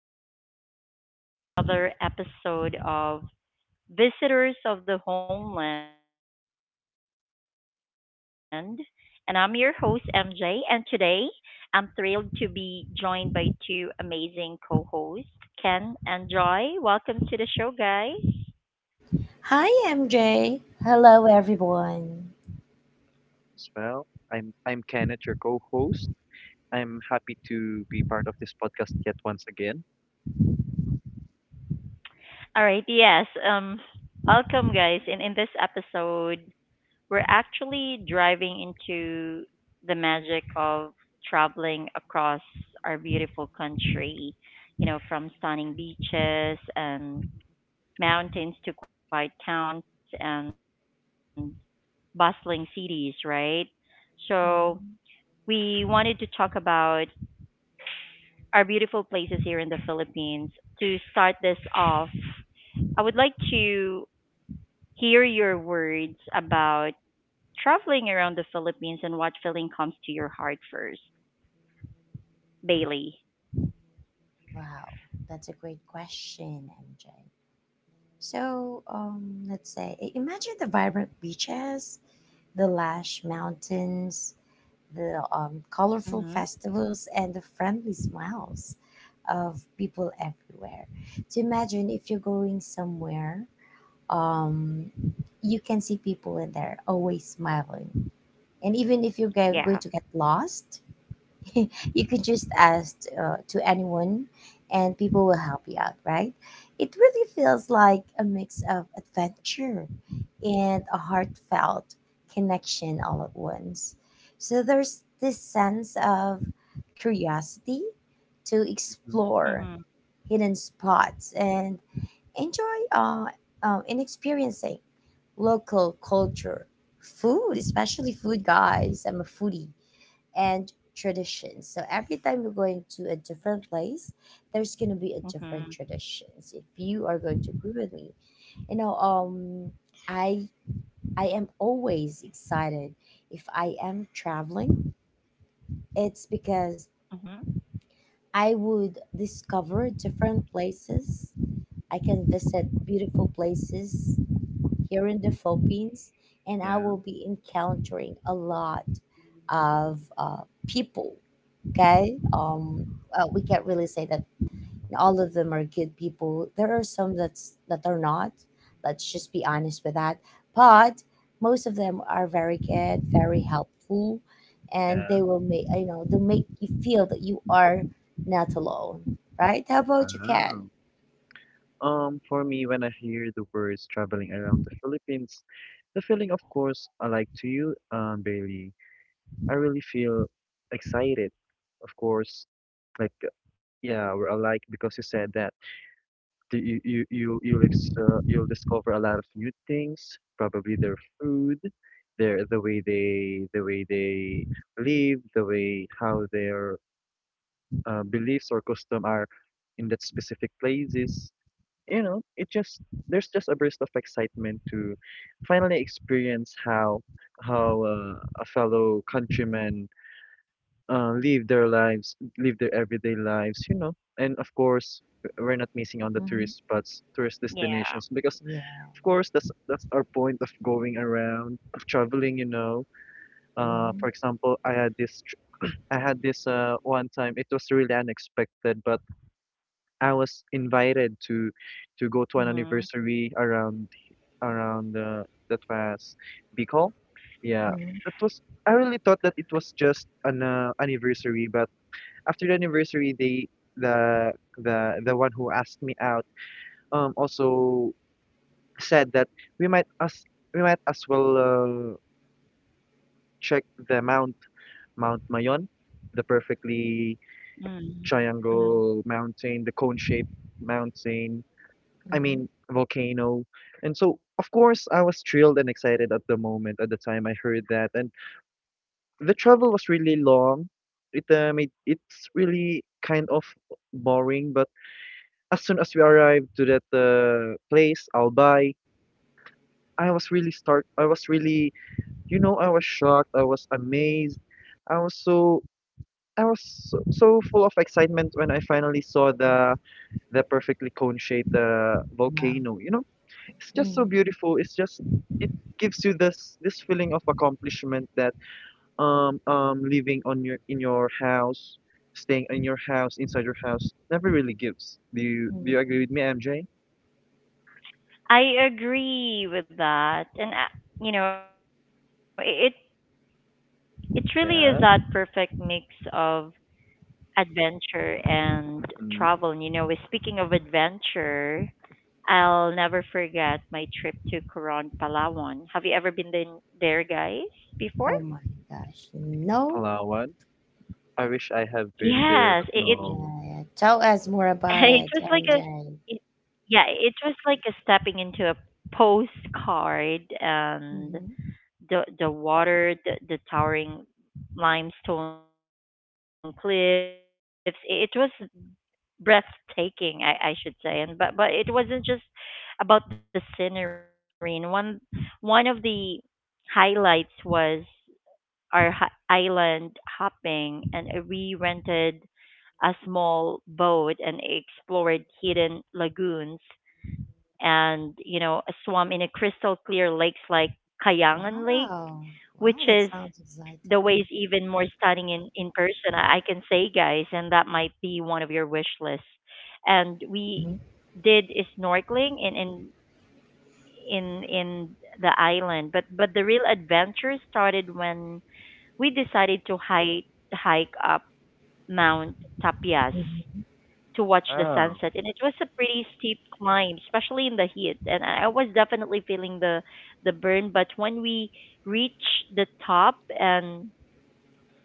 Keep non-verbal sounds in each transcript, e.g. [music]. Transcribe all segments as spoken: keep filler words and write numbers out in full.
and welcome to another episode of Visitors of the Homeland. And I'm your host, M J, and today I'm thrilled to be joined by two amazing co hosts, Ken and Joy. Welcome to the show, guys. Hi, M J. Hello, everyone. As well. I'm I'm Kenneth, your co-host. I'm happy to be part of this podcast yet once again. All right, yes. Um, welcome, guys. In in this episode, we're actually driving into the magic of traveling across our beautiful country, you know, from stunning beaches and mountains to quiet towns and bustling cities, right? So, we Mhm. wanted to talk about our beautiful places here in the Philippines. To start this off, I would like to hear your words about traveling around the Philippines and what feeling comes to your heart first, Bailey? Wow, that's a great question, M J. So, um, let's say, i- imagine the vibrant beaches, the lush mountains, the um, colorful Mm-hmm. festivals, and the friendly smiles of people everywhere. So, imagine if you're going somewhere, um, you can see people in there always smiling. And even if you're go- going to get Yeah. lost, [laughs] you could just ask uh, to anyone, and people will help you out, right? It really feels like a mix of adventure and a heartfelt connection all at once. So there's this sense of curiosity to hmm explore Mhm. hidden spots and enjoy uh, um, in experiencing local culture, food, especially food, guys. I'm a foodie, and traditions. So every time you're going to a different place, there's gonna be a different Mhm. traditions. If you are going to agree with me, you know, um, I I am always excited if I am traveling. It's because Mhm. I would discover different places. I can visit beautiful places here in the Philippines, and I Yeah. will be encountering a lot of uh, people. Okay, um, uh, we can't really say that all of them are good people. There are some that's that are not. Let's just be honest with that. But most of them are very good, very helpful, and they Yeah. will make you know they make you feel that you are not alone, right? How about you, Ken? Wow. Um, for me, when I hear the words traveling around the Philippines, the feeling, of course, I like to you, um, Bailey. I really feel excited, of course. Like, uh, yeah, we're alike because you said that. Do you you you you'll ex- uh, You'll discover a lot of new things. Probably their food, their the way they the way they live, the way how their uh, beliefs or custom are in that specific places. You know, it just there's just a burst of excitement to finally experience how how uh, a fellow countryman uh, live their lives, live their everyday lives, you know. And of course, w- we're not missing on the Hmm. tourist spots, tourist destinations, Yeah. because Yeah. of course that's that's our point of going around, of traveling, you know. Uh, for Mm-hmm. example, I had this, tr- I had this uh one time. It was really unexpected, but I was invited to to go to an Mhm. anniversary around around uh, that was Bicol. Yeah, Mm-hmm. that was. I really thought that it was just an uh, anniversary, but after the anniversary they the the the one who asked me out um also said that we might as we might as well uh, check the mount Mount Mayon, the perfectly Mhm. Mhm. triangle mountain, the cone shaped mountain, I Mm-hmm. mean volcano. And so of course I was thrilled and excited at the moment at the time I heard that, and the travel was really long. It um, it, it's really kind of boring. But as soon as we arrived to that uh, place, Albay, I was really start. I was really, you know, I was shocked. I was amazed. Mm-hmm. I was so. I was so, so full of excitement when I finally saw the the perfectly cone-shaped uh, Mm-hmm. Wow. volcano. You know, it's just so Mm, beautiful. It's just it gives you this this feeling of accomplishment that um um living on your in your house, staying in your house, inside your house, never really gives. Do you mm, do you agree mm. with me, M J? I agree with that, and uh, you know, it it really is Yeah. that perfect mix of adventure and Mm-hmm. travel. And you know, with- speaking of adventure, I'll never forget my trip to Coron, Palawan. Have you ever been there, there guys, before? Oh my gosh. No. Palawan. I wish I have been there, but Yes, it, it [laughs] no. Yeah, yeah. Tell us more about it it, was like a M J. it, yeah, it was like a stepping into a postcard and Hmm. the the water, the, the towering limestone cliffs. It, it was breathtaking, I, I should say. And but but it wasn't just about the scenery. And one one of the highlights was our hi- island hopping, and we rented a small boat and explored hidden lagoons and you know a swam in a crystal clear lakes like Kayangan Lake, which is Wow. Wow, the that waves sounds even more exciting. stunning in in person. I, I can say, guys, and that might be one of your wish lists. And we Mhm, did a snorkeling in in in in the island, but but the real adventure started when we decided to hike hike up Mount Tapias mhm. to watch the sunset Wow. and it was a pretty steep climb especially in the heat and i I was definitely feeling the the burn but when we reached the top and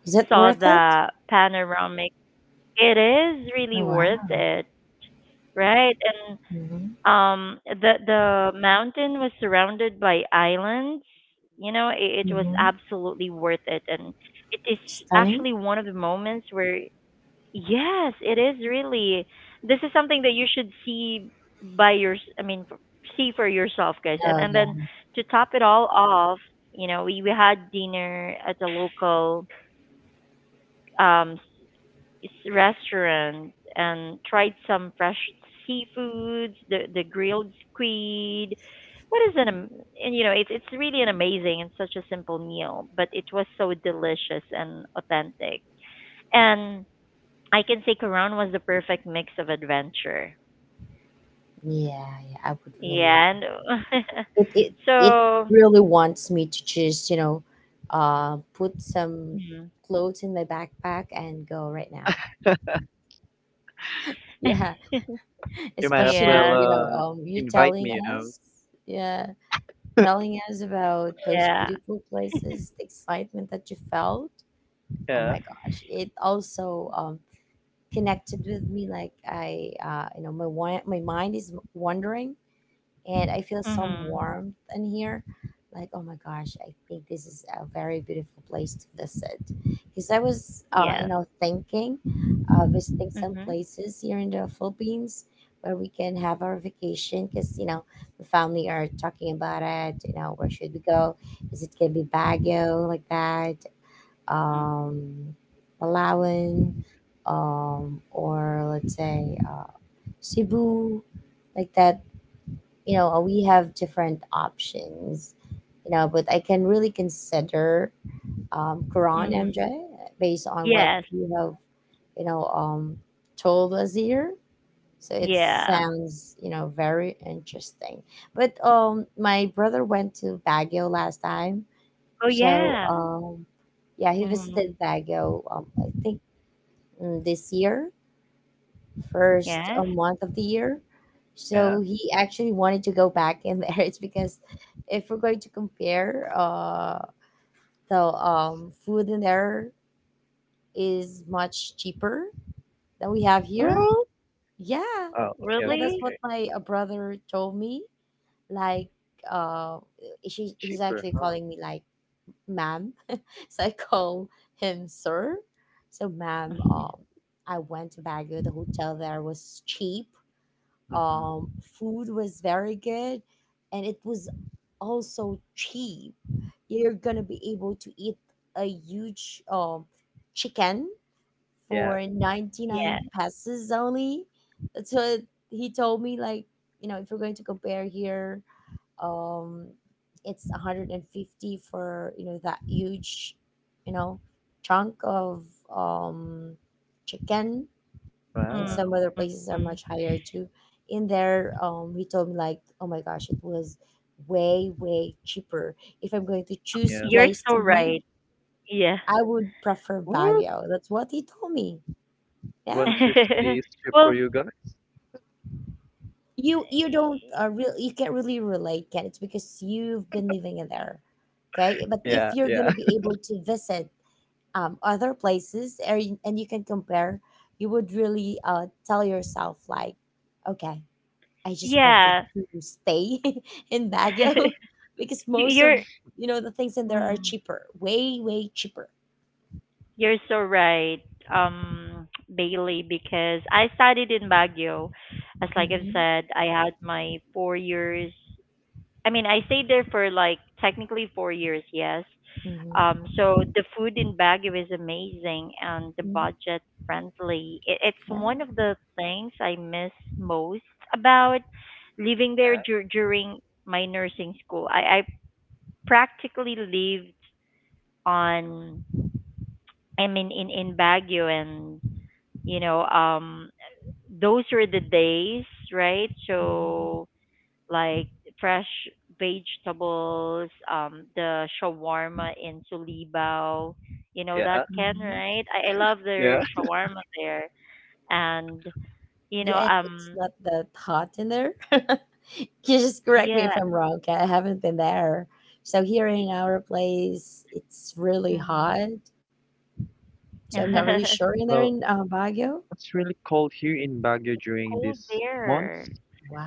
Is it saw worth it? the panoramic it is really Oh, wow. worth it right and Hmm. um the the mountain was surrounded by islands you know it, it was Hmm. absolutely worth it and it is Stunning. actually one of the moments where yes, it is really. This is something that you should see by your, I mean, f- see for yourself, guys. And Oh and yeah. then to top it all off, you know, we we had dinner at a local um s- restaurant and tried some fresh seafoods, the the grilled squid. What is an am- And you know, it's it's really an amazing and such a simple meal, but it was so delicious and authentic. And I can say Coron was the perfect mix of adventure. Yeah, yeah. I would really Yeah, and agree. [laughs] It it it so really wants me to just, you know, uh, put some mhm. clothes in my backpack and go right now. Yeah. You [laughs] might as well especially Yes, you know uh um you invite telling me, you know. us yeah, telling us about those yeah, beautiful places, the excitement that you felt. Oh Yeah, my gosh, it also um connected with me, like i uh you know my wi- my mind is wandering, and I feel some mhm, warmth in here. Like, oh my gosh, I think this is a very beautiful place to visit. Because I was, uh, you yes, know, thinking uh, visiting some mhm, places here in the Philippines where we can have our vacation. Because you know, the family are talking about it. You know, where should we go? Is it gonna be Baguio like that? mhm, Um, Palawan, um, or let's say uh, Cebu, like that, you know we have different options, you know but I can really consider um quran, MJ, mhm, based on what yes, you have, you know um told us here. So it yeah. sounds, you know very interesting. But um my brother went to Baguio last time, Oh so yeah, um yeah, he visited mhm, Baguio, um I think, mm, this year, first uh, yes, month of the year. yeah. So he actually wanted to go back in there. [laughs] It's because, if we're going to compare, uh, the um, food in there is much cheaper than we have here. Oh, Yeah, oh, okay, yeah, okay, that's what okay. really, my uh, brother told me. Like, uh, she, he's Cheaper, actually huh? calling me like, ma'am. [laughs] So I call him sir. So, ma'am, um, I went to Baguio. The hotel there was cheap Mm-hmm. Um, Food was very good, and it was also cheap. You're gonna be able to eat a huge um, chicken Yeah. for ninety-nine yeah. pesos only. That's what he told me. Like, you know, if you're going to compare here, um, it's one hundred fifty for, you know, that huge, you know, chunk of um, chicken, and some Wow. other Mm. places are much higher too. In there, um, he told me, like, oh my gosh, it was way way cheaper. If I'm going to choose Yeah. You're place so to live, right. Yeah. I would prefer What? Baguio. That's what he told me. One Yeah, [laughs] fifty is cheap for Well, you guys? you you don't, uh, real you can't really relate, can it's because you've been living in there. Okay, but if Yeah, you're yeah, gonna be able to visit um, other places, and and you can compare, you would really, uh, tell yourself like, okay, I just wanted yeah. to stay [laughs] in Baguio [laughs] [laughs] because You- most You're. of, you know the things in there are Mm. cheaper, way way cheaper. You're so right, um, [tsk] Bailey, because I studied in Baguio. As like I've Mm-hmm. said, I had my four years. I mean, I stayed there for like technically four years, yes. Mm-hmm. Um, so the food in Baguio is amazing and the Mm-hmm. budget friendly. It, it's one Yeah. of the things I miss most about living [laughs] there yeah, dur- during my nursing school. I, I practically lived on I mean in in Baguio and you know um those were the days right Mm-hmm. so like fresh vegetables um the shawarma in Sulibao you know that yeah, can Mm-hmm. right I, I love their yeah. shawarma there and you know Yeah, and it's um not that hot in there. [laughs] You just correct me if yeah I'm wrong. 'Kay? I haven't been there, so here y- in our place, it's really mm. hot. So I'm not Mm. really sure [laughs] in there Well, in uh, Baguio. it's really cold here in Baguio It's during cold these there months,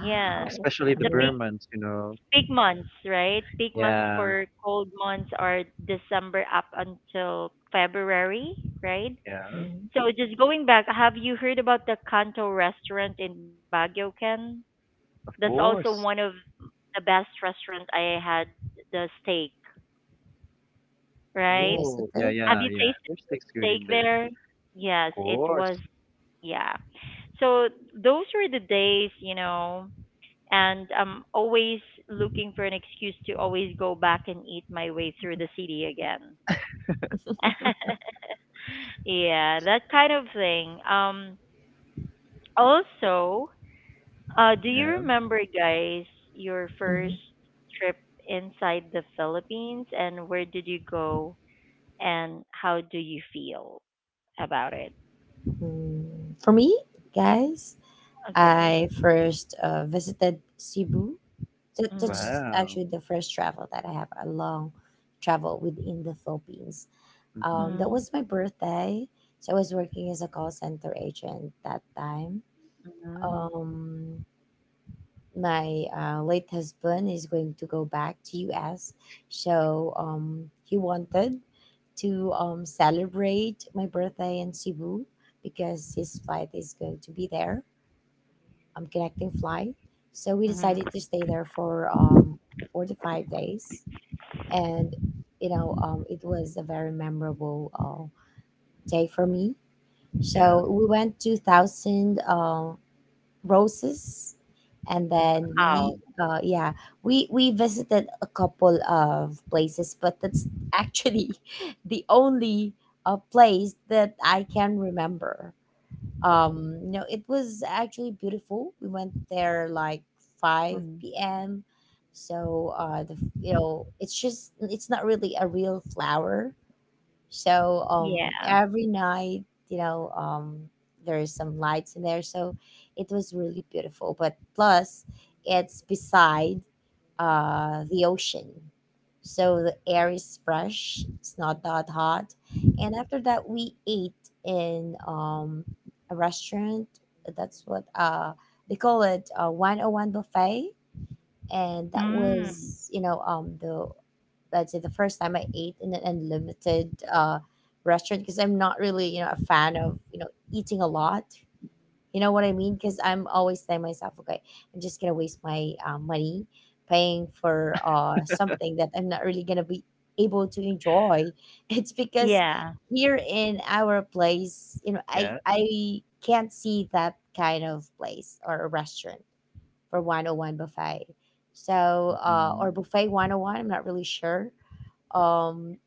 yes especially the I'm the really. big Burmans, you know. peak months, right? Peak months Yeah, for cold months are December up until February, right? yeah. Mhm. So just going back, have you heard about the Kanto restaurant in Baguio, Ken? That's Of also one of course. the best restaurant I had the steak, You right? Oh, yeah, visited. Have yeah, you yeah. tasted There's tastes good steak in there. there? Yes, Of it course. was yeah. So those were the days, you know, and I'm always looking for an excuse to always go back and eat my way through the city again. [laughs] [laughs] Yeah, that kind of thing. Um also, uh do you Yeah. remember guys your first Mhm. trip inside the Philippines and where did you go and how do you feel about it? Mm, For me, guys, Okay. I first uh, visited Cebu. That, Mm. that's Wow. actually the first travel that I have, a long travel within the Philippines. Mm-hmm. Um, that Mm. was my birthday. So I was working as a call center agent that time. Mm. Um, my uh, late husband is going to go back to U S. So um, he wanted to um, celebrate my birthday in Cebu because his flight is going to be there, um, connecting flight. So we Mm. decided to stay there for um, four to five days, and, you know um, it was a very memorable uh, day for me. So Yeah. we went to Thousand uh, Roses, and then, we Oh. Mm. uh, yeah, we we visited a couple of places, but that's actually [laughs] the only uh, place that I can remember. um no, it was actually beautiful. We went there like Mm. five p m, so uh the you know it's just, it's not really a real flower. So um, Yeah. every night, you know, um, there's some lights in there. So it was really beautiful. But plus, it's beside uh, the ocean. So the air is fresh, it's not that hot. And after that, we ate in um, a restaurant. That's what uh, they call it, uh, one oh one buffet. And that Mm. was, you know, um, the let's say, the first time I ate in an unlimited uh, restaurant because I'm not really, you know a fan of, you know eating a lot. You know what I mean? Because I'm always telling myself, okay, I'm just gonna waste my uh, money paying for uh, something that I'm not really gonna be able to enjoy. [laughs] It's because Yeah. here in our place, you know, I Yeah. I can't see that kind of place or a restaurant for one oh one buffet. So, uh, Mm-hmm. or buffet one oh one, I'm not really sure. um,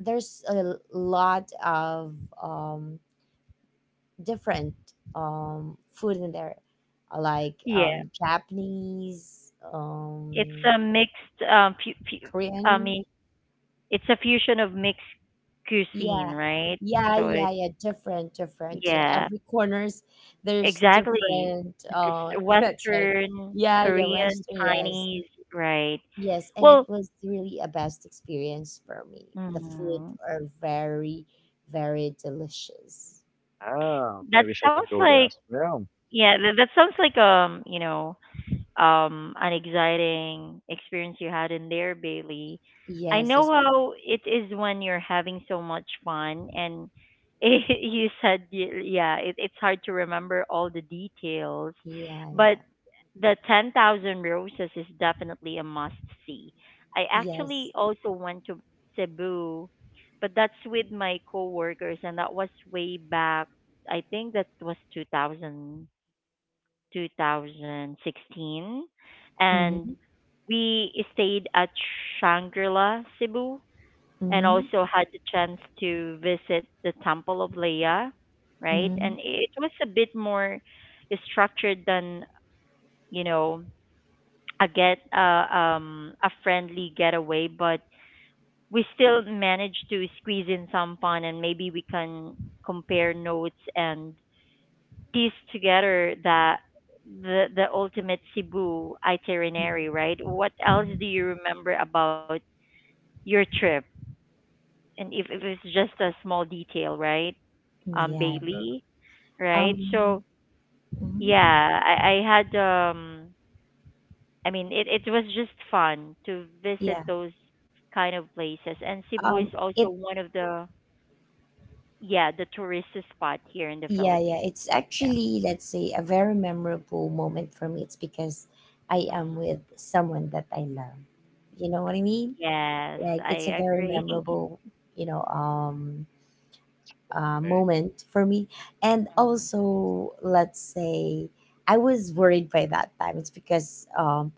there's a lot of um, different um, food in there, uh, like Yeah, um, Japanese, it's um, a mixed um fu- fu- I Korean. mean, it's a fusion of mixed cuisine, Yeah, right? yeah, So it yeah, yeah. Different, different. So Yeah, every corners, there's exactly. different. Uh, There's [laughs] let's say, Western, yeah, yeah, Korean, Western. Yes, Chinese, right? yes, and it Well, was really a best experience for me. The food mm, are very, very delicious. Wow. I that wish I can sounds go there like as well. yeah, that, that sounds like um, you know, um, an exciting experience you had in there, Bailey. I know Yes, how it is when you're having so much fun, and [laughs] you said, y- yeah, it, it's hard to remember all the details, yeah, but yeah. the ten thousand Roses is definitely a must see. I Yes. actually also went to Cebu, but that's with my coworkers, and that was way back. I think that was two thousand. twenty sixteen. And Mm-hmm. we stayed at Shangri-La, Cebu, and Mm-hmm. also had the chance to visit the Temple of Leia, right? Mm-hmm. And it was a bit more structured than, you know, a get uh, um a friendly getaway, but we still managed to squeeze in some fun and maybe we can compare notes and piece together that the the ultimate Cebu Mm-hmm. itinerary, right? What else Mm-hmm. do you remember about your trip? And if, if it's just a small detail, right? Um, Yeah. Bailey, right? So Um, mhm. yeah, I, I had um, I mean it it was just fun to visit Yeah. those kind of places, and Cebu is Um, it, also one of the yeah the tourist spot here in the yeah, yeah. Philippines. It's Yeah. actually, let's say, a very memorable moment for me. It's because I am Mm. with someone that I love. You know what I mean? Yes, Like, it's a I very agree. [laughs] memorable, you know, um, uh, Okay. moment for me. And also, let's say, I was worried by that time. It's because, um,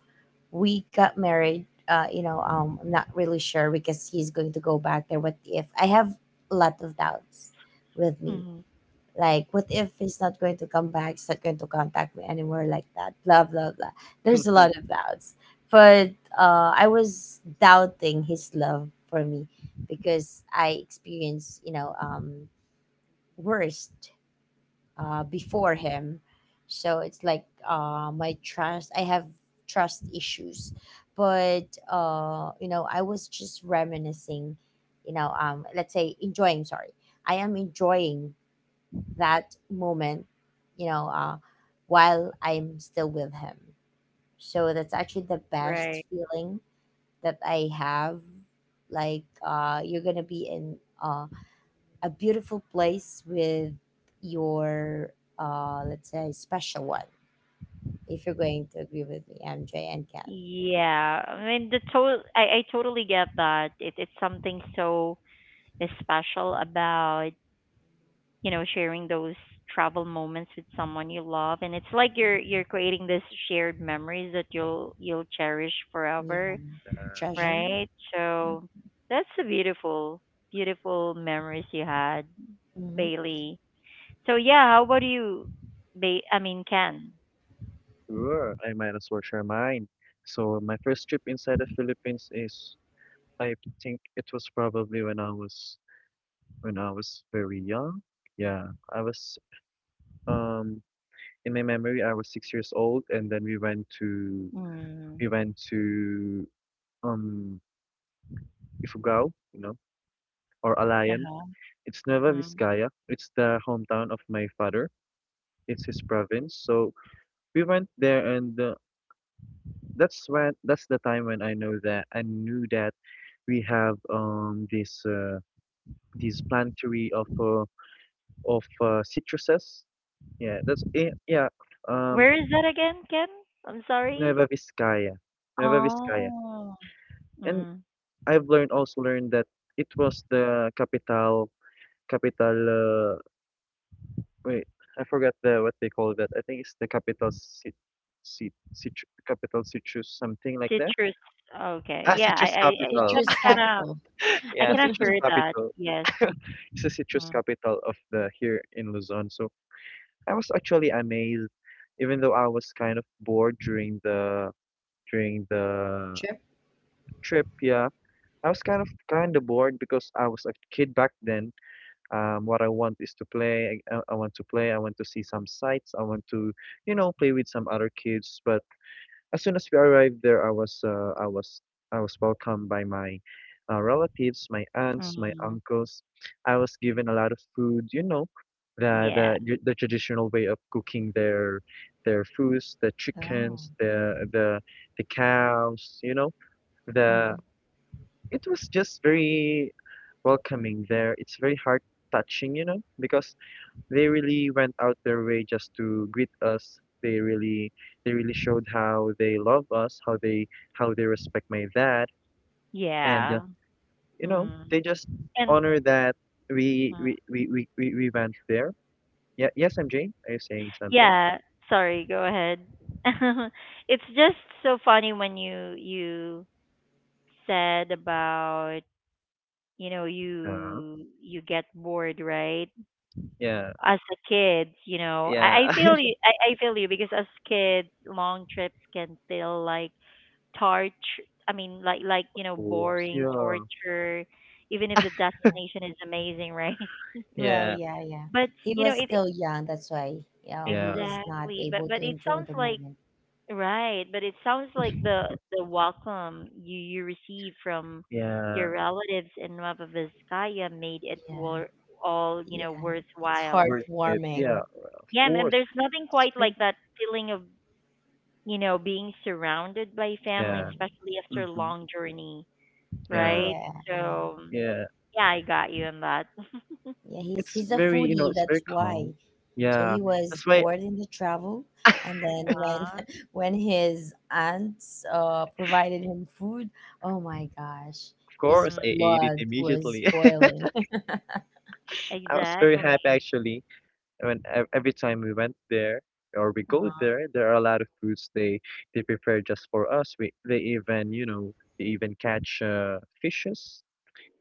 we got married, uh you know um I'm not really sure because he's going to go back there. What if I have a lot of doubts with me, Mm. like what if he's not going to come back, he's not going to contact me anymore, like that, blah blah blah. There's a lot [laughs] of doubts. But uh I was doubting his love for me because I experienced, you know um worst, uh, before him. So it's like, uh, my trust, I have trust issues. But, uh, you know, I was just reminiscing, you know, um, let's say enjoying, sorry. I am enjoying that moment, you know, uh, while I'm still with him. So that's actually the best Right. feeling that I have. Like, uh, you're gonna be in uh, a beautiful place with your, uh, let's say, special one, if you're going to agree with me, MJ and Ken. Yeah. I mean, the to- I I totally get that. It it's something so special about, you know, sharing those travel moments with someone you love and it's like you're Mm-hmm. you're creating this shared memories that you'll you'll cherish Yeah. forever, Treasure. right? So that's a beautiful beautiful memories you had, Mm-hmm. Bailey. So yeah, how about you, ba- I mean, Ken? Sure. I might as well share mine. So my first trip inside the Philippines is, I think it was probably when I was when I was very young. Yeah, I was um in my memory I was six years old, and then we went to Mm. we went to um Ifugao, you know, or Alayan. Uh-huh. It's Nueva Hmm. Vizcaya. It's the hometown of my father. It's his province. So we went there, and uh, that's when that's the time when I know that I knew that we have um this uh, this planetary of uh, of uh, citruses. Yeah, that's eh, yeah. Um, Where is that again, Ken? I'm sorry. Nueva Vizcaya, Nueva Vizcaya, Oh, and mm. I've learned also learned that it was the capital capital uh, Wait, I forgot the what they call that. I think it's the capital cit, cit, citrus capital, citrus something like that. Citrus. Okay. Ah, Yeah, I, citrus I, I capital. some Citrus [laughs] kind of, capital. I Yeah, kind of citrus heard that. capital. Yes. [laughs] It's the citrus Mm. capital of the here in Luzon. So I was actually amazed, even though I was kind of bored during the during the Trip. trip. Yeah, I was kind of kind of bored because I was a kid back then. Um, what I want is to play. I, I I want to play. I want to see some sights. I want to, you know, play with some other kids. But as soon as we arrived there, I was, uh, I was, I was welcomed by my uh, relatives, my aunts, my Mm. uncles. I was given a lot of food. You know, the Yeah. the tr- the traditional way of cooking their their foods, the Oh. chickens, the the the cows. You know, the Hmm. it was just very welcoming there. It's very heart touching, you know, because they really went out their way just to greet us. They really they really showed how they love us, how they how they respect my dad, and uh, Yeah. you know Mm. they just And honor that we mm. we we we, we, we went there. Yeah, yes, M J, are you saying something? Yeah, sorry, go ahead. [laughs] It's just so funny when you you said about, you know, Uh, you you get bored, right? yeah, As a kid, you know, yeah, I, I [laughs] of feel you. I, I feel you because as kids, long trips can feel like torture. I mean, like like you know, course. boring Yeah, torture, even if the destination is amazing, right? [laughs] Well, yeah, yeah, yeah. But He you know, was it still young, that's why, you [laughs] know, yeah. he's not Exactly. But able to but It enjoy sounds the like moment. right. But It sounds like the the welcome you you receive from Yeah, your relatives in Nueva Vizcaya made it Yeah, wor- all you know yeah. It's worthwhile. worth it. heartwarming. Yeah, of Yeah, and and course. there's nothing It's quite like fun. that feeling of you know, being surrounded by family, Yeah. Yeah. especially after a Mm-hmm. long journey, Yeah. right? Yeah, yeah. So, Yeah. yeah, I got you on that. [laughs] Yeah, he's It's he's a very, you know, foodie, it's very that's why. calm. So Yeah, he was that's why, born in the travel, [laughs] of and then when Uh, [laughs] when his aunts uh provided him food, oh my gosh, his course, I mm, ate it blood was immediately. [laughs] boiling. [laughs] I was very exactly. happy actually when ev- every time we went there or we go Uh, there, there are a lot of foods they they prepare just for us. We they even, you know, they even catch uh, fishes.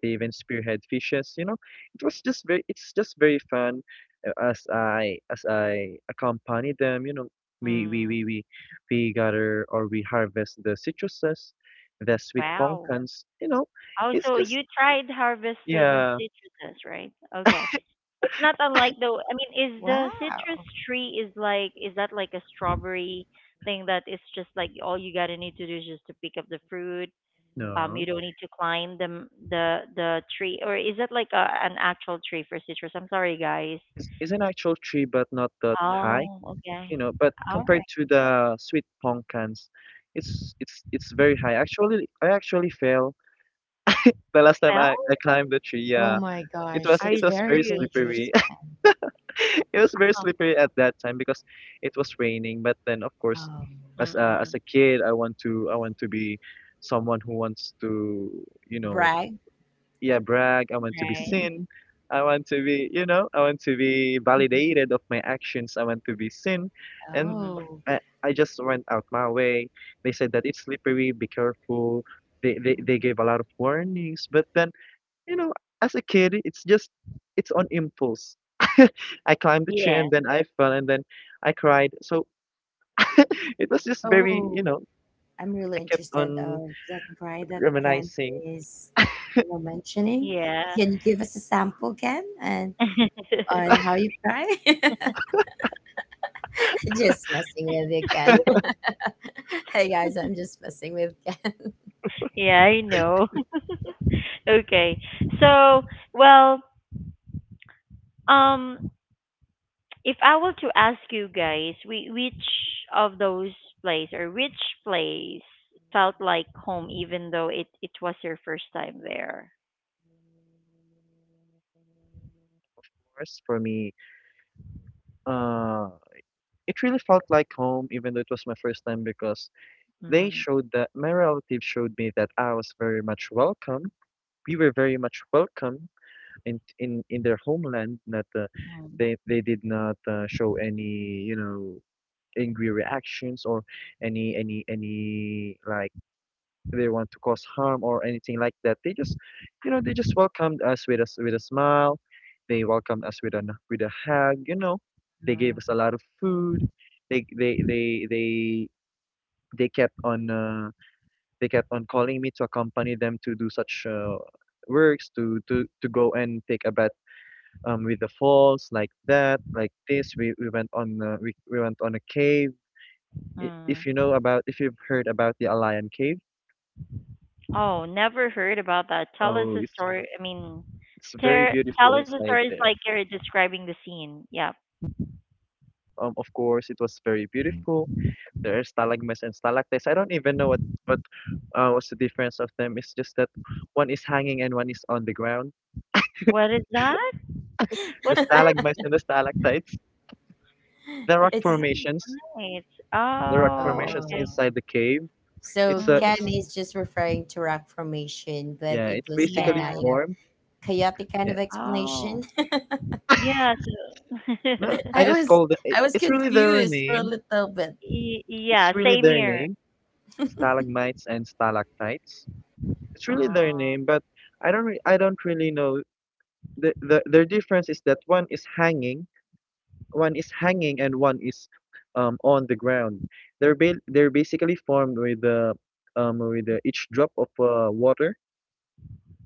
They even spearhead fishes. You know, it was just very, it's just very fun. uh, As I as I accompany them, you know, we mm, we we we we gather or we harvest the citruses, the sweet wow. pumpkins. You know, Oh, it's so just you tried harvesting yeah, citruses, right? Okay. It's not unlike though. I mean, is the citrus Wow. tree is like is that like a strawberry thing that it's just like all you gotta need to do is just to pick up the fruit? Um, you no, don't need to climb the m- the the tree, or is it like a, an actual tree for citrus? I'm sorry, guys. it's, it's an actual tree, but not that high. Oh, okay. You know, but All compared right. to the sweet pumpkins, it's it's it's very high. Actually, I actually fell the last time Well, I, I climbed the tree. Oh Yeah, my it gosh, was are it you that's was very very serious? slippery. dangerous, Kat. [laughs] It was very Huh. slippery at that time because it was raining. But then, of course, Um as a, as Mm-mm. a kid, I want to I want to be someone who wants to, you know, Bragg. yeah, brag. I want to be Right. seen. I want to be, you know, I want to be Mhm. validated of my actions. I want to be seen, and Mm-hmm. Oh. I, I just went out my way. They said that it's slippery. Be careful. They, they they gave a Mhm. lot of warnings, but then you know, as a kid, it's just it's on impulse. [laughs] I climbed the tree Yeah. and then I fell and then I cried. So [laughs] it was just very, Oh. you know, I'm really I kept interested on of that cry that Ken reminiscing. Of is, you know, mentioning. Yeah. Can you give us a sample, Ken, and [laughs] on how you cry? [laughs] Just messing with you, Ken. [laughs] Hey guys, I'm just messing with Ken. Yeah, I know. [laughs] Okay. So, well, um, if I were to ask you guys, we, which of those place or which place felt like home, even though it, it was your first time there? course, for me, uh, it really felt like home, even though it was my first time because they Mm, showed that my relatives showed me that I was very much welcome. We were very much welcome in in in their homeland. That uh, mm, they they did not uh, show any, you know, angry reactions or any any any like they want to cause harm or anything like that. They just, you know, they just welcomed us with a s- with a smile. They welcomed us with a n- with a hug. You know, they gave mm, us a lot of food. They they they they they kept on uh, they kept on calling me to accompany them to do such uh, works to to to go and take a bath um with the falls like that like this. We we went on uh, we we went on a cave. i- mm. If you know about, if you've heard about the Alayan Cave, Oh, never heard about that. Tell us oh, a it's story. I mean, it's very Ter- tell beautiful us a inside story. It's there. like you're describing the scene. Yeah. Um, of course, it was very beautiful. There are stalagmites and stalactites. I don't even know what what uh, what's the difference of them. It's just that one is hanging and one is on the ground. What is that? The What's that? stalagmites [laughs] and the stalactites, the It's rock It's. Starry formations, Nights. the rock Oh, formations okay. Oh. inside the cave. So It's a Ken Mm, it's is just referring to rock formation, but yeah, it it's was kind basically of, yeah. you know formed. chaotic kind Yeah, of Oh, explanation. [laughs] yeah. So no, I I [laughs] just was call it. I it- was It's really their confused for a name. little bit. Y- yeah, It's really same their here. name, [laughs] stalagmites and stalactites. It's really their Oh. name, but I don't re- I don't really know the, the their difference is that one is hanging, one is hanging, and one is um on the ground. They're ba- they're basically formed with the um with the each drop of uh, water,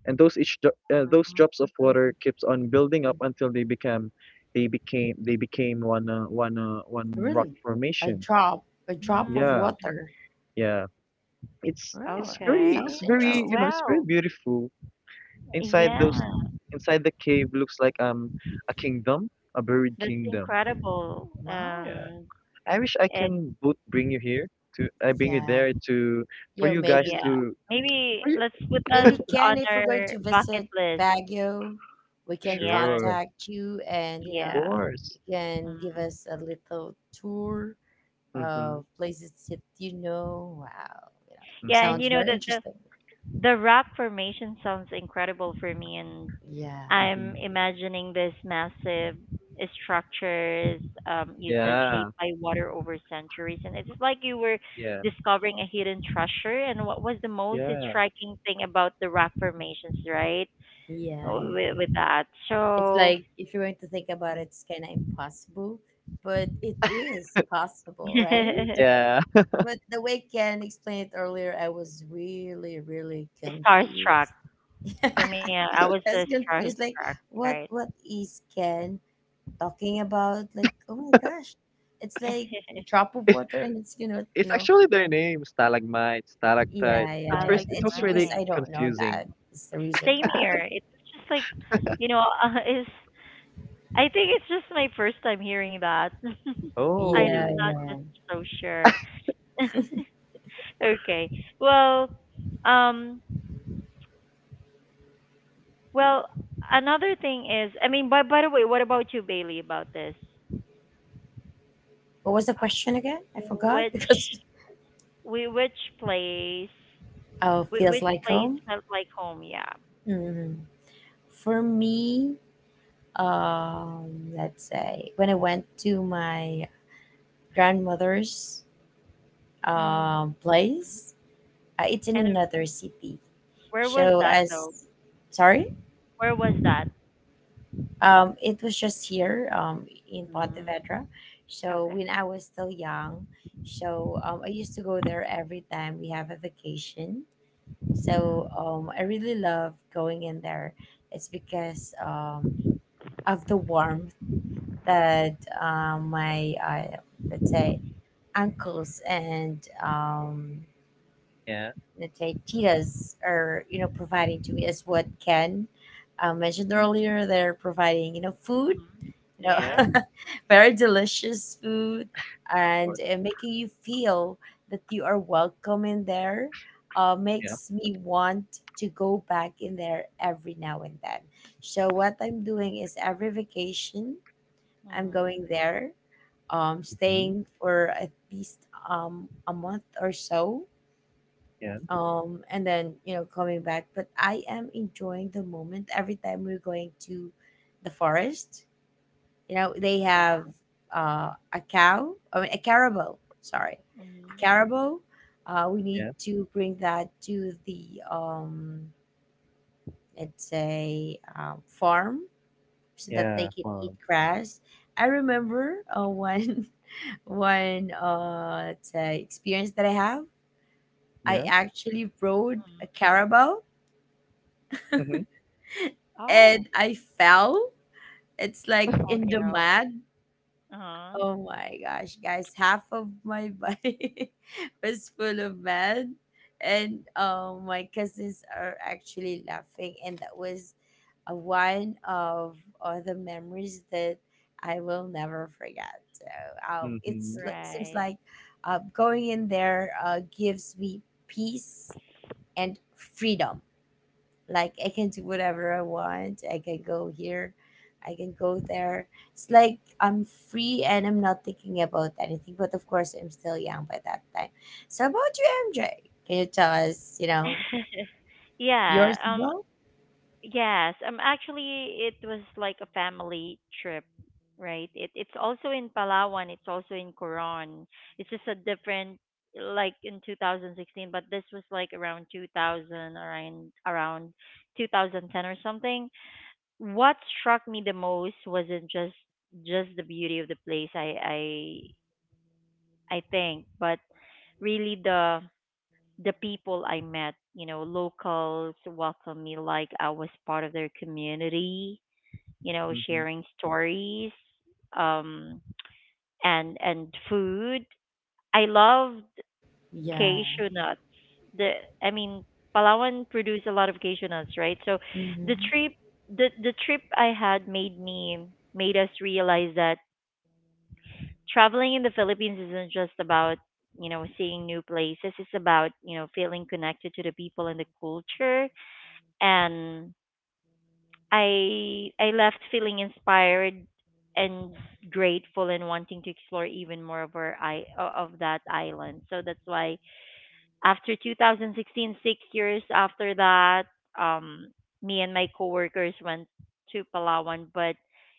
and those each dro- uh, those drops of water keeps on building up until they become they became they became one uh, one uh, one rock Really? A formation. drop, a drop of Mm, Yeah, water. yeah. It's it's Really? very Sounds it's okay. very Well, you interesting. know it's very wow. beautiful. Inside Yeah, those Inside the cave looks like um a kingdom, a buried that's kingdom. incredible. Wow. Yeah. Um, I wish I it can both bring you here to I bring you Yeah. there to for Yo, you guys maybe yeah. to Maybe for you let's put that maybe on Ken, if we're going our to bucket visit list. Baguio, we can Yeah, sure. and- Of contact you, and, you know, yeah. you course. can give Mm. us a little tour Mm-hmm. of places that you know. Wow, you know, it Yeah, Mm-hmm. and sounds you know very that the interesting. The rock formation sounds incredible for me, and Yeah, I'm Mm-hmm. imagining this massive structures, um, you said Yeah. shaped by water over centuries, and it's like you were Yeah. discovering a hidden treasure. And what was the most Yeah. striking thing about the rock formations, right? yeah, Mm-hmm. yeah. With, with that, It's so like, if you're going to think about mm. it, it's kind of impossible, but it is possible, right? [laughs] Yeah. But the way Ken explained it earlier, I was really, really Starstruck. confused. [laughs] For me, I I I was a was confused, like starstruck, what right? what is Ken talking about? Like, oh my gosh, it's like a [laughs] drop of [laughs] water, and it's, you know you It's know actually their name, stalagmite, stalactite. yeah, At yeah, I yeah. first, like it It's was because really mine. I don't know confusing. that. It's the reason Same why. here. It's just like, you know, [laughs] uh, is I think it's just my first time hearing that. [laughs] I'm Yeah, Oh, not yeah, yeah. just so sure. [laughs] Okay. Well, um, well, another thing is, I mean, by by the way, what about you, Bailey, about this? What was Uh, the question again? I forgot [laughs] Which because, we which place oh, whi- which feels like place home. felt like home? Yeah. Hmm. For me, um, let's say, when I went to my grandmother's Mm-hmm. um place, uh, it's in And uh, another city. where was So that as though? sorry. Where was that? Um, it was just here, um, in Mm, Pontevedra. So, okay. when I was still young, so um, I used to go there every time we have a vacation. So Mm-hmm. um, I really love going in there. It's because, um, of the warmth that, uh, my, uh, let's say, uncles and, um, yeah, let's say, titas are, you know providing to me, as what Ken, uh, mentioned hmm earlier. They're providing, you know food, Mm-hmm. you yeah, Yeah. know, [laughs] very delicious food, of and, course, uh, making you feel that you are welcome in there, uh, yeah, makes me want to go back in there every now and then. So what I'm doing is, every vacation I'm going Mhm. there, um, hmm staying for at least um, a month or so. yeah, Um, and then, you know coming back, but I am enjoying the moment every time we're going to the forest. You know, they Yeah. have, uh, a cow, I mean, a caribou, sorry, a Mhm. caribou. Uh, we need yeah. to bring that to the, um, let's say, uh, farm, so that they Yeah, can eat farm. grass. I remember, uh, one, [laughs] one uh, let's say, experience that I have. I Yeah. actually rode Mhm. a caribou Mm-hmm. [laughs] Oh. and I fell. It's like Oh in the no. mud. Uh-huh. Oh my gosh, guys, half of my body [laughs] was full of mud. And, um, my cousins are actually laughing. And that was uh, one of uh, the memories that I will never forget. So um, it's, Mm-hmm. li- seems Right. like, uh, going in there, uh, gives me peace and freedom, like I can do whatever I want. I can go here. I can go there. It's like I'm free and I'm not thinking about anything. But of course, I'm still young by that time. So, about you, M J? Can you tell us, you know, [laughs] Yeah. yours as Um. well? Yes. Um. Actually, it was like a family trip, right? It it's also in Palawan. It's also in Coron. It's just a different, like in two thousand sixteen. But this was like around two thousand, around around two thousand ten or something. What struck me the most wasn't just just the beauty of the place. I I I think, but really the the people I met, you know, locals welcomed me like I was part of their community, you know, Mm-hmm. Of sharing stories, um, and and food. I loved Yeah. cashew nuts. The I mean, Palawan produce a lot of cashew nuts, right? So the Mm-hmm. trip the the trip I had made me made us realize that traveling in the Philippines isn't just about, you know, seeing new places. It's about, you know, feeling connected to the people and the culture. And I I left feeling inspired and grateful and wanting to explore even more of our i o- of that island. So that's why after two thousand sixteen, six years after that, um, me and my coworkers went to Palawan, but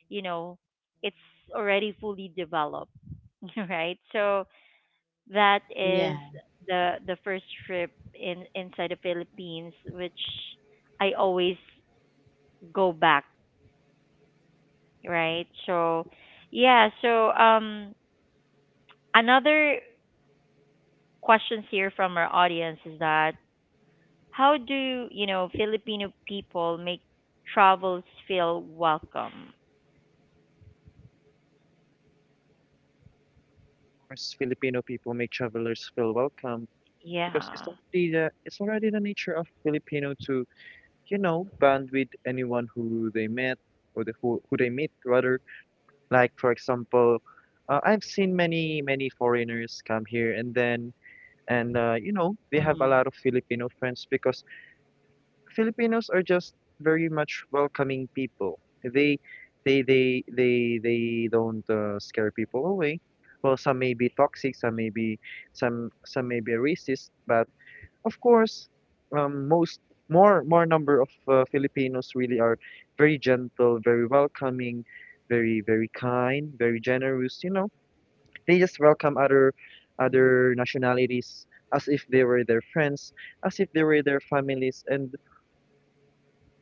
you know, it's already fully developed [laughs] right? So that is Yeah. the the first trip in inside the Philippines, which I always go back, right? So, yeah. So, um, another questions here from our audience is that how do you know Filipino people make travels feel welcome? course, Filipino people make travelers feel welcome because it's Yeah. already the it's already the nature of Filipino to, you know, bond with anyone who they met or the, who who they meet rather. Like for example, uh, I've seen many many foreigners come here and then and uh, you Mhm. know they have a lot of Filipino friends because Filipinos are just very much welcoming people. They they they they they don't uh, scare people away. Well, some may be toxic, some may be some some may be racist, but of course, um, most more more number of uh, Filipinos really are very gentle, very welcoming, very very kind, very generous. You know, they just welcome other Mhm. other nationalities as if they were their friends, as if they were their families, and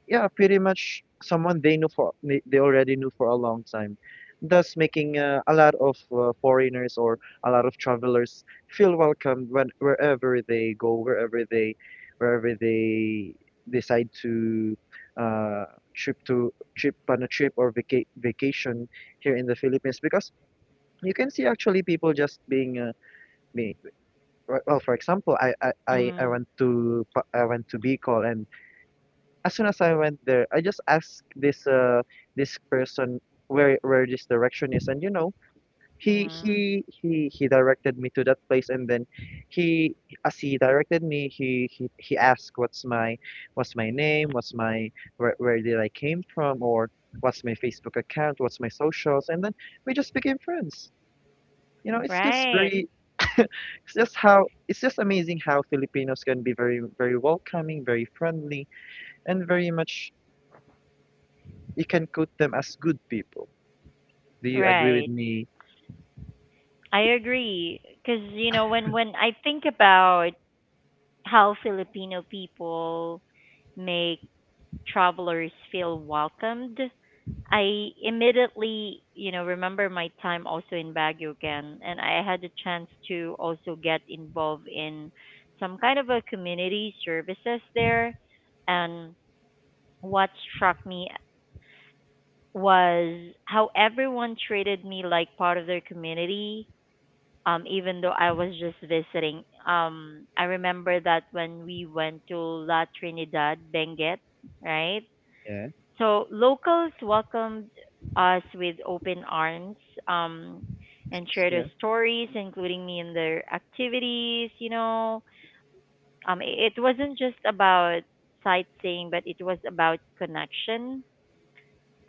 yeah, pretty much someone they knew for they they already knew for a long time, thus making uh, a lot of uh, foreigners or a lot of travelers feel welcome when wherever they go, wherever they wherever they decide to uh trip to trip on a trip or vaca vacation here in the Philippines because you can see actually people just being uh, me well for example I I I I Mhm. went to Pa- I went to Bicol and as soon as I went there, I just asked this uh this person where where this direction is, and you know, he Mhm. he he he directed me to that place, and then he as he directed me, he he he asked what's my what's my name, what's my where where did I came from, or what's my Facebook account, what's my socials, and then we just became friends. You know, it's just Right. very [laughs] it's just how it's just amazing how Filipinos can be very very welcoming, very friendly, and very much you can quote them as good people. Do you agree with Right. me? I agree. Because, you know, when, when I think about how Filipino people make travelers feel welcomed. I immediately, you know, remember my time also in Baguio again, and I had the chance to also get involved in some kind of a community services there. And what struck me was how everyone treated me like part of their community, um even though I was just visiting. Um I remember that when we went to La Trinidad, Benguet, right? Yeah. So locals welcomed us with open arms, um, and Excuse. shared their Yeah. stories, including me in their activities, you know. Um it, it wasn't just about sightseeing, but it was about connection.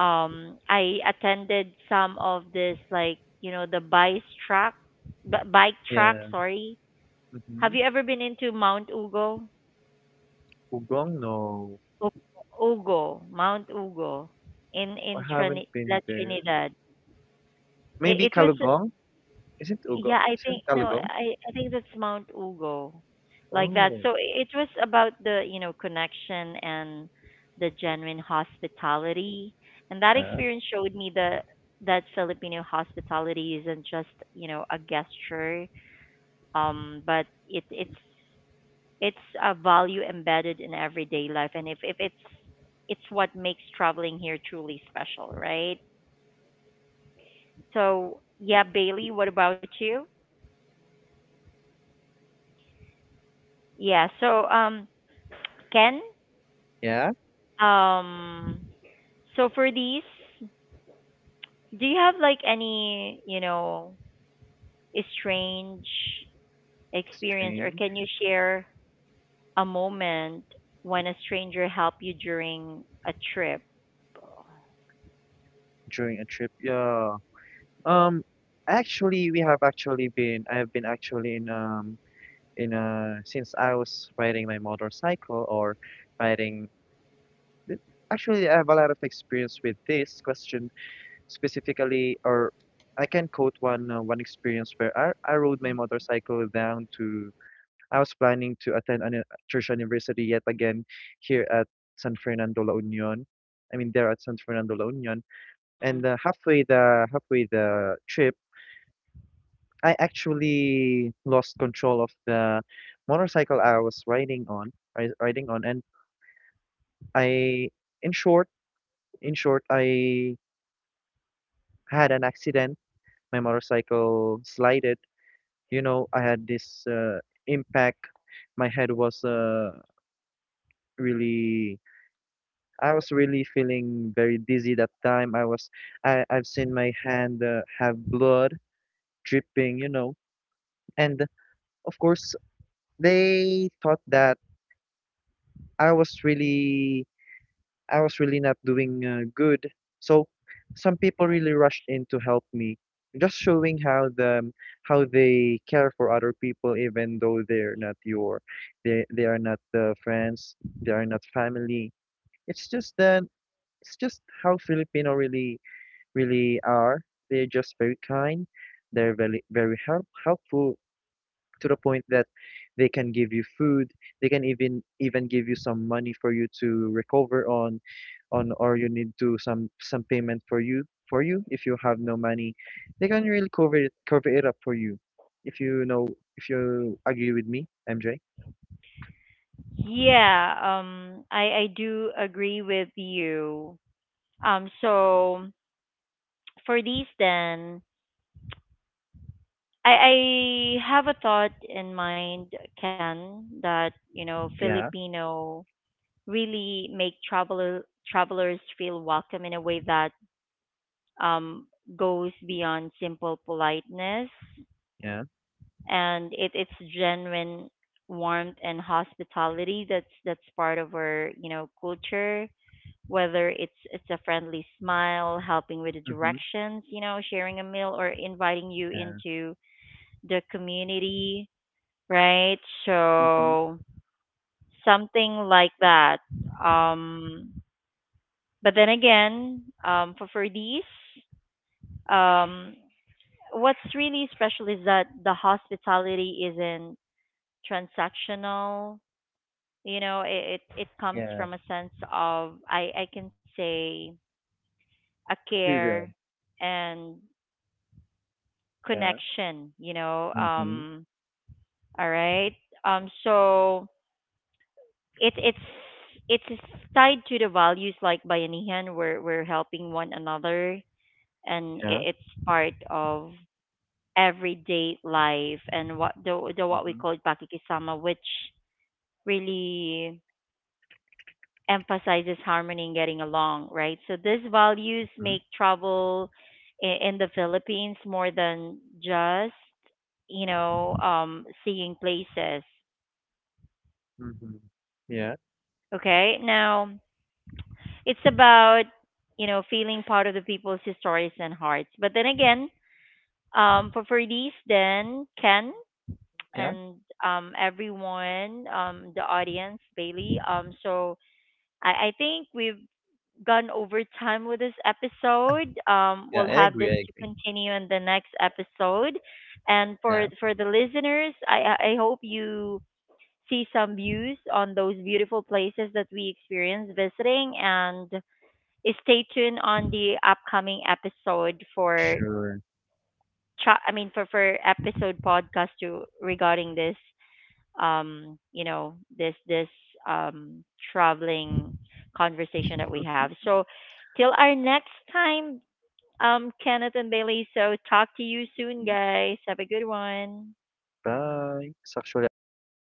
Um I attended some of this, like, you know, the bike track, b- bike track, Yeah. sorry, Mm-hmm. have you ever been into Mount Ugo? Ugong, no. U- Ugo, Mount Ugo, in I in haven't Trini- been La there. Trinidad. Maybe It, it was, Kalugong? Isn't yeah, Ugong? I think Isn't no, Kalugong? I I think that's Mount Ugo, like that. Oh. So i- it was about the, you know, connection and the genuine hospitality, and that Yeah. experience showed me that that Filipino hospitality isn't, just you know, a gesture, um, but it it's it's a value embedded in everyday life, and if, if it's it's what makes traveling here truly special, right? So yeah, Bailey, what about you? yeah so um Ken, Yeah, um so for these, do you have like any, you know, strange experience, or strange can you share a moment when a stranger helped you during a trip? during a trip. Yeah. Um, actually, we have actually been. I have been actually in um in uh since I was riding my motorcycle or riding. th- Actually, I have a lot of experience with this question specifically, or I can quote one uh, one experience where I, I rode my motorcycle down to I was planning to attend an, a church anniversary yet again here at San Fernando La Union. I mean, there at San Fernando La Union, Mm-hmm. and uh, halfway the halfway the trip, I actually lost control of the motorcycle I was riding on, ri- riding on, and I, in short, in short, I had an accident. My motorcycle slid. You know, I had this uh, impact. My head was uh, really, I was really feeling very dizzy that time. I was I I've seen my hand uh, have blood dripping, you know, and of course they thought that i was really I was really not doing uh, good. So some people really rushed in to help me, just showing how the um, how they care for other people, even though they're not your, they they are not uh, friends, they are not family. It's just that it's just how Filipino really really are. They're just very kind. They're very very help helpful to the point that they can give you food, they can even even give you some money for you to recover on on or you need to some some payment for you for you if you have no money. They can really cover it cover it up for you. If you know if you agree with me, M J. Yeah, um, I I do agree with you. Um, so for these then, I I have a thought in mind, Ken, that you know Yeah, Filipino really make traveler travelers feel welcome in a way that um goes beyond simple politeness, yeah. and it it's genuine warmth and hospitality that's that's part of our, you know, culture, whether it's it's a friendly smile, helping with the Mm-hmm. directions, you know, sharing a meal, or inviting you Yeah. into the community, right? Mm-hmm. So something like that. Um, but then again, um for for these, um, what's really special is that the hospitality isn't transactional. You know, it, it it comes Yeah. from a sense of, I I can say, a We will. care and Yeah. connection, you know. Mm-hmm. Um, all right, um, so it it's it's tied to the values like bayanihan, where we're helping one another, and Yeah. i- it's part of everyday life, and what the, the what we Mm-hmm. call pakikisama, which really emphasizes harmony and getting along, right? So these values Mm-hmm. make travel i- in the Philippines more than just, you know, um, seeing places. Mm-hmm. Yeah. Okay, now it's about, you know, feeling part of the people's stories and hearts. But then again, um, for Ferdies, then Ken, Yeah. and um, everyone, um, the audience, Bailey. Um, so I, I think we've gone over time with this episode. Um, Yeah. we'll I have agree. this I to agree. continue in the next episode. And for Yeah. for the listeners, I I I hope you see some views on those beautiful places that we experience visiting, and stay tuned on the upcoming episode for. Sure. Cha- I mean, for for episode podcast to regarding this, um, you know, this this um, traveling conversation that we have. So, till our next time, um, Kenneth and Bailey. So, talk to you soon, guys. Have a good one. Bye. It's actually our pleasure.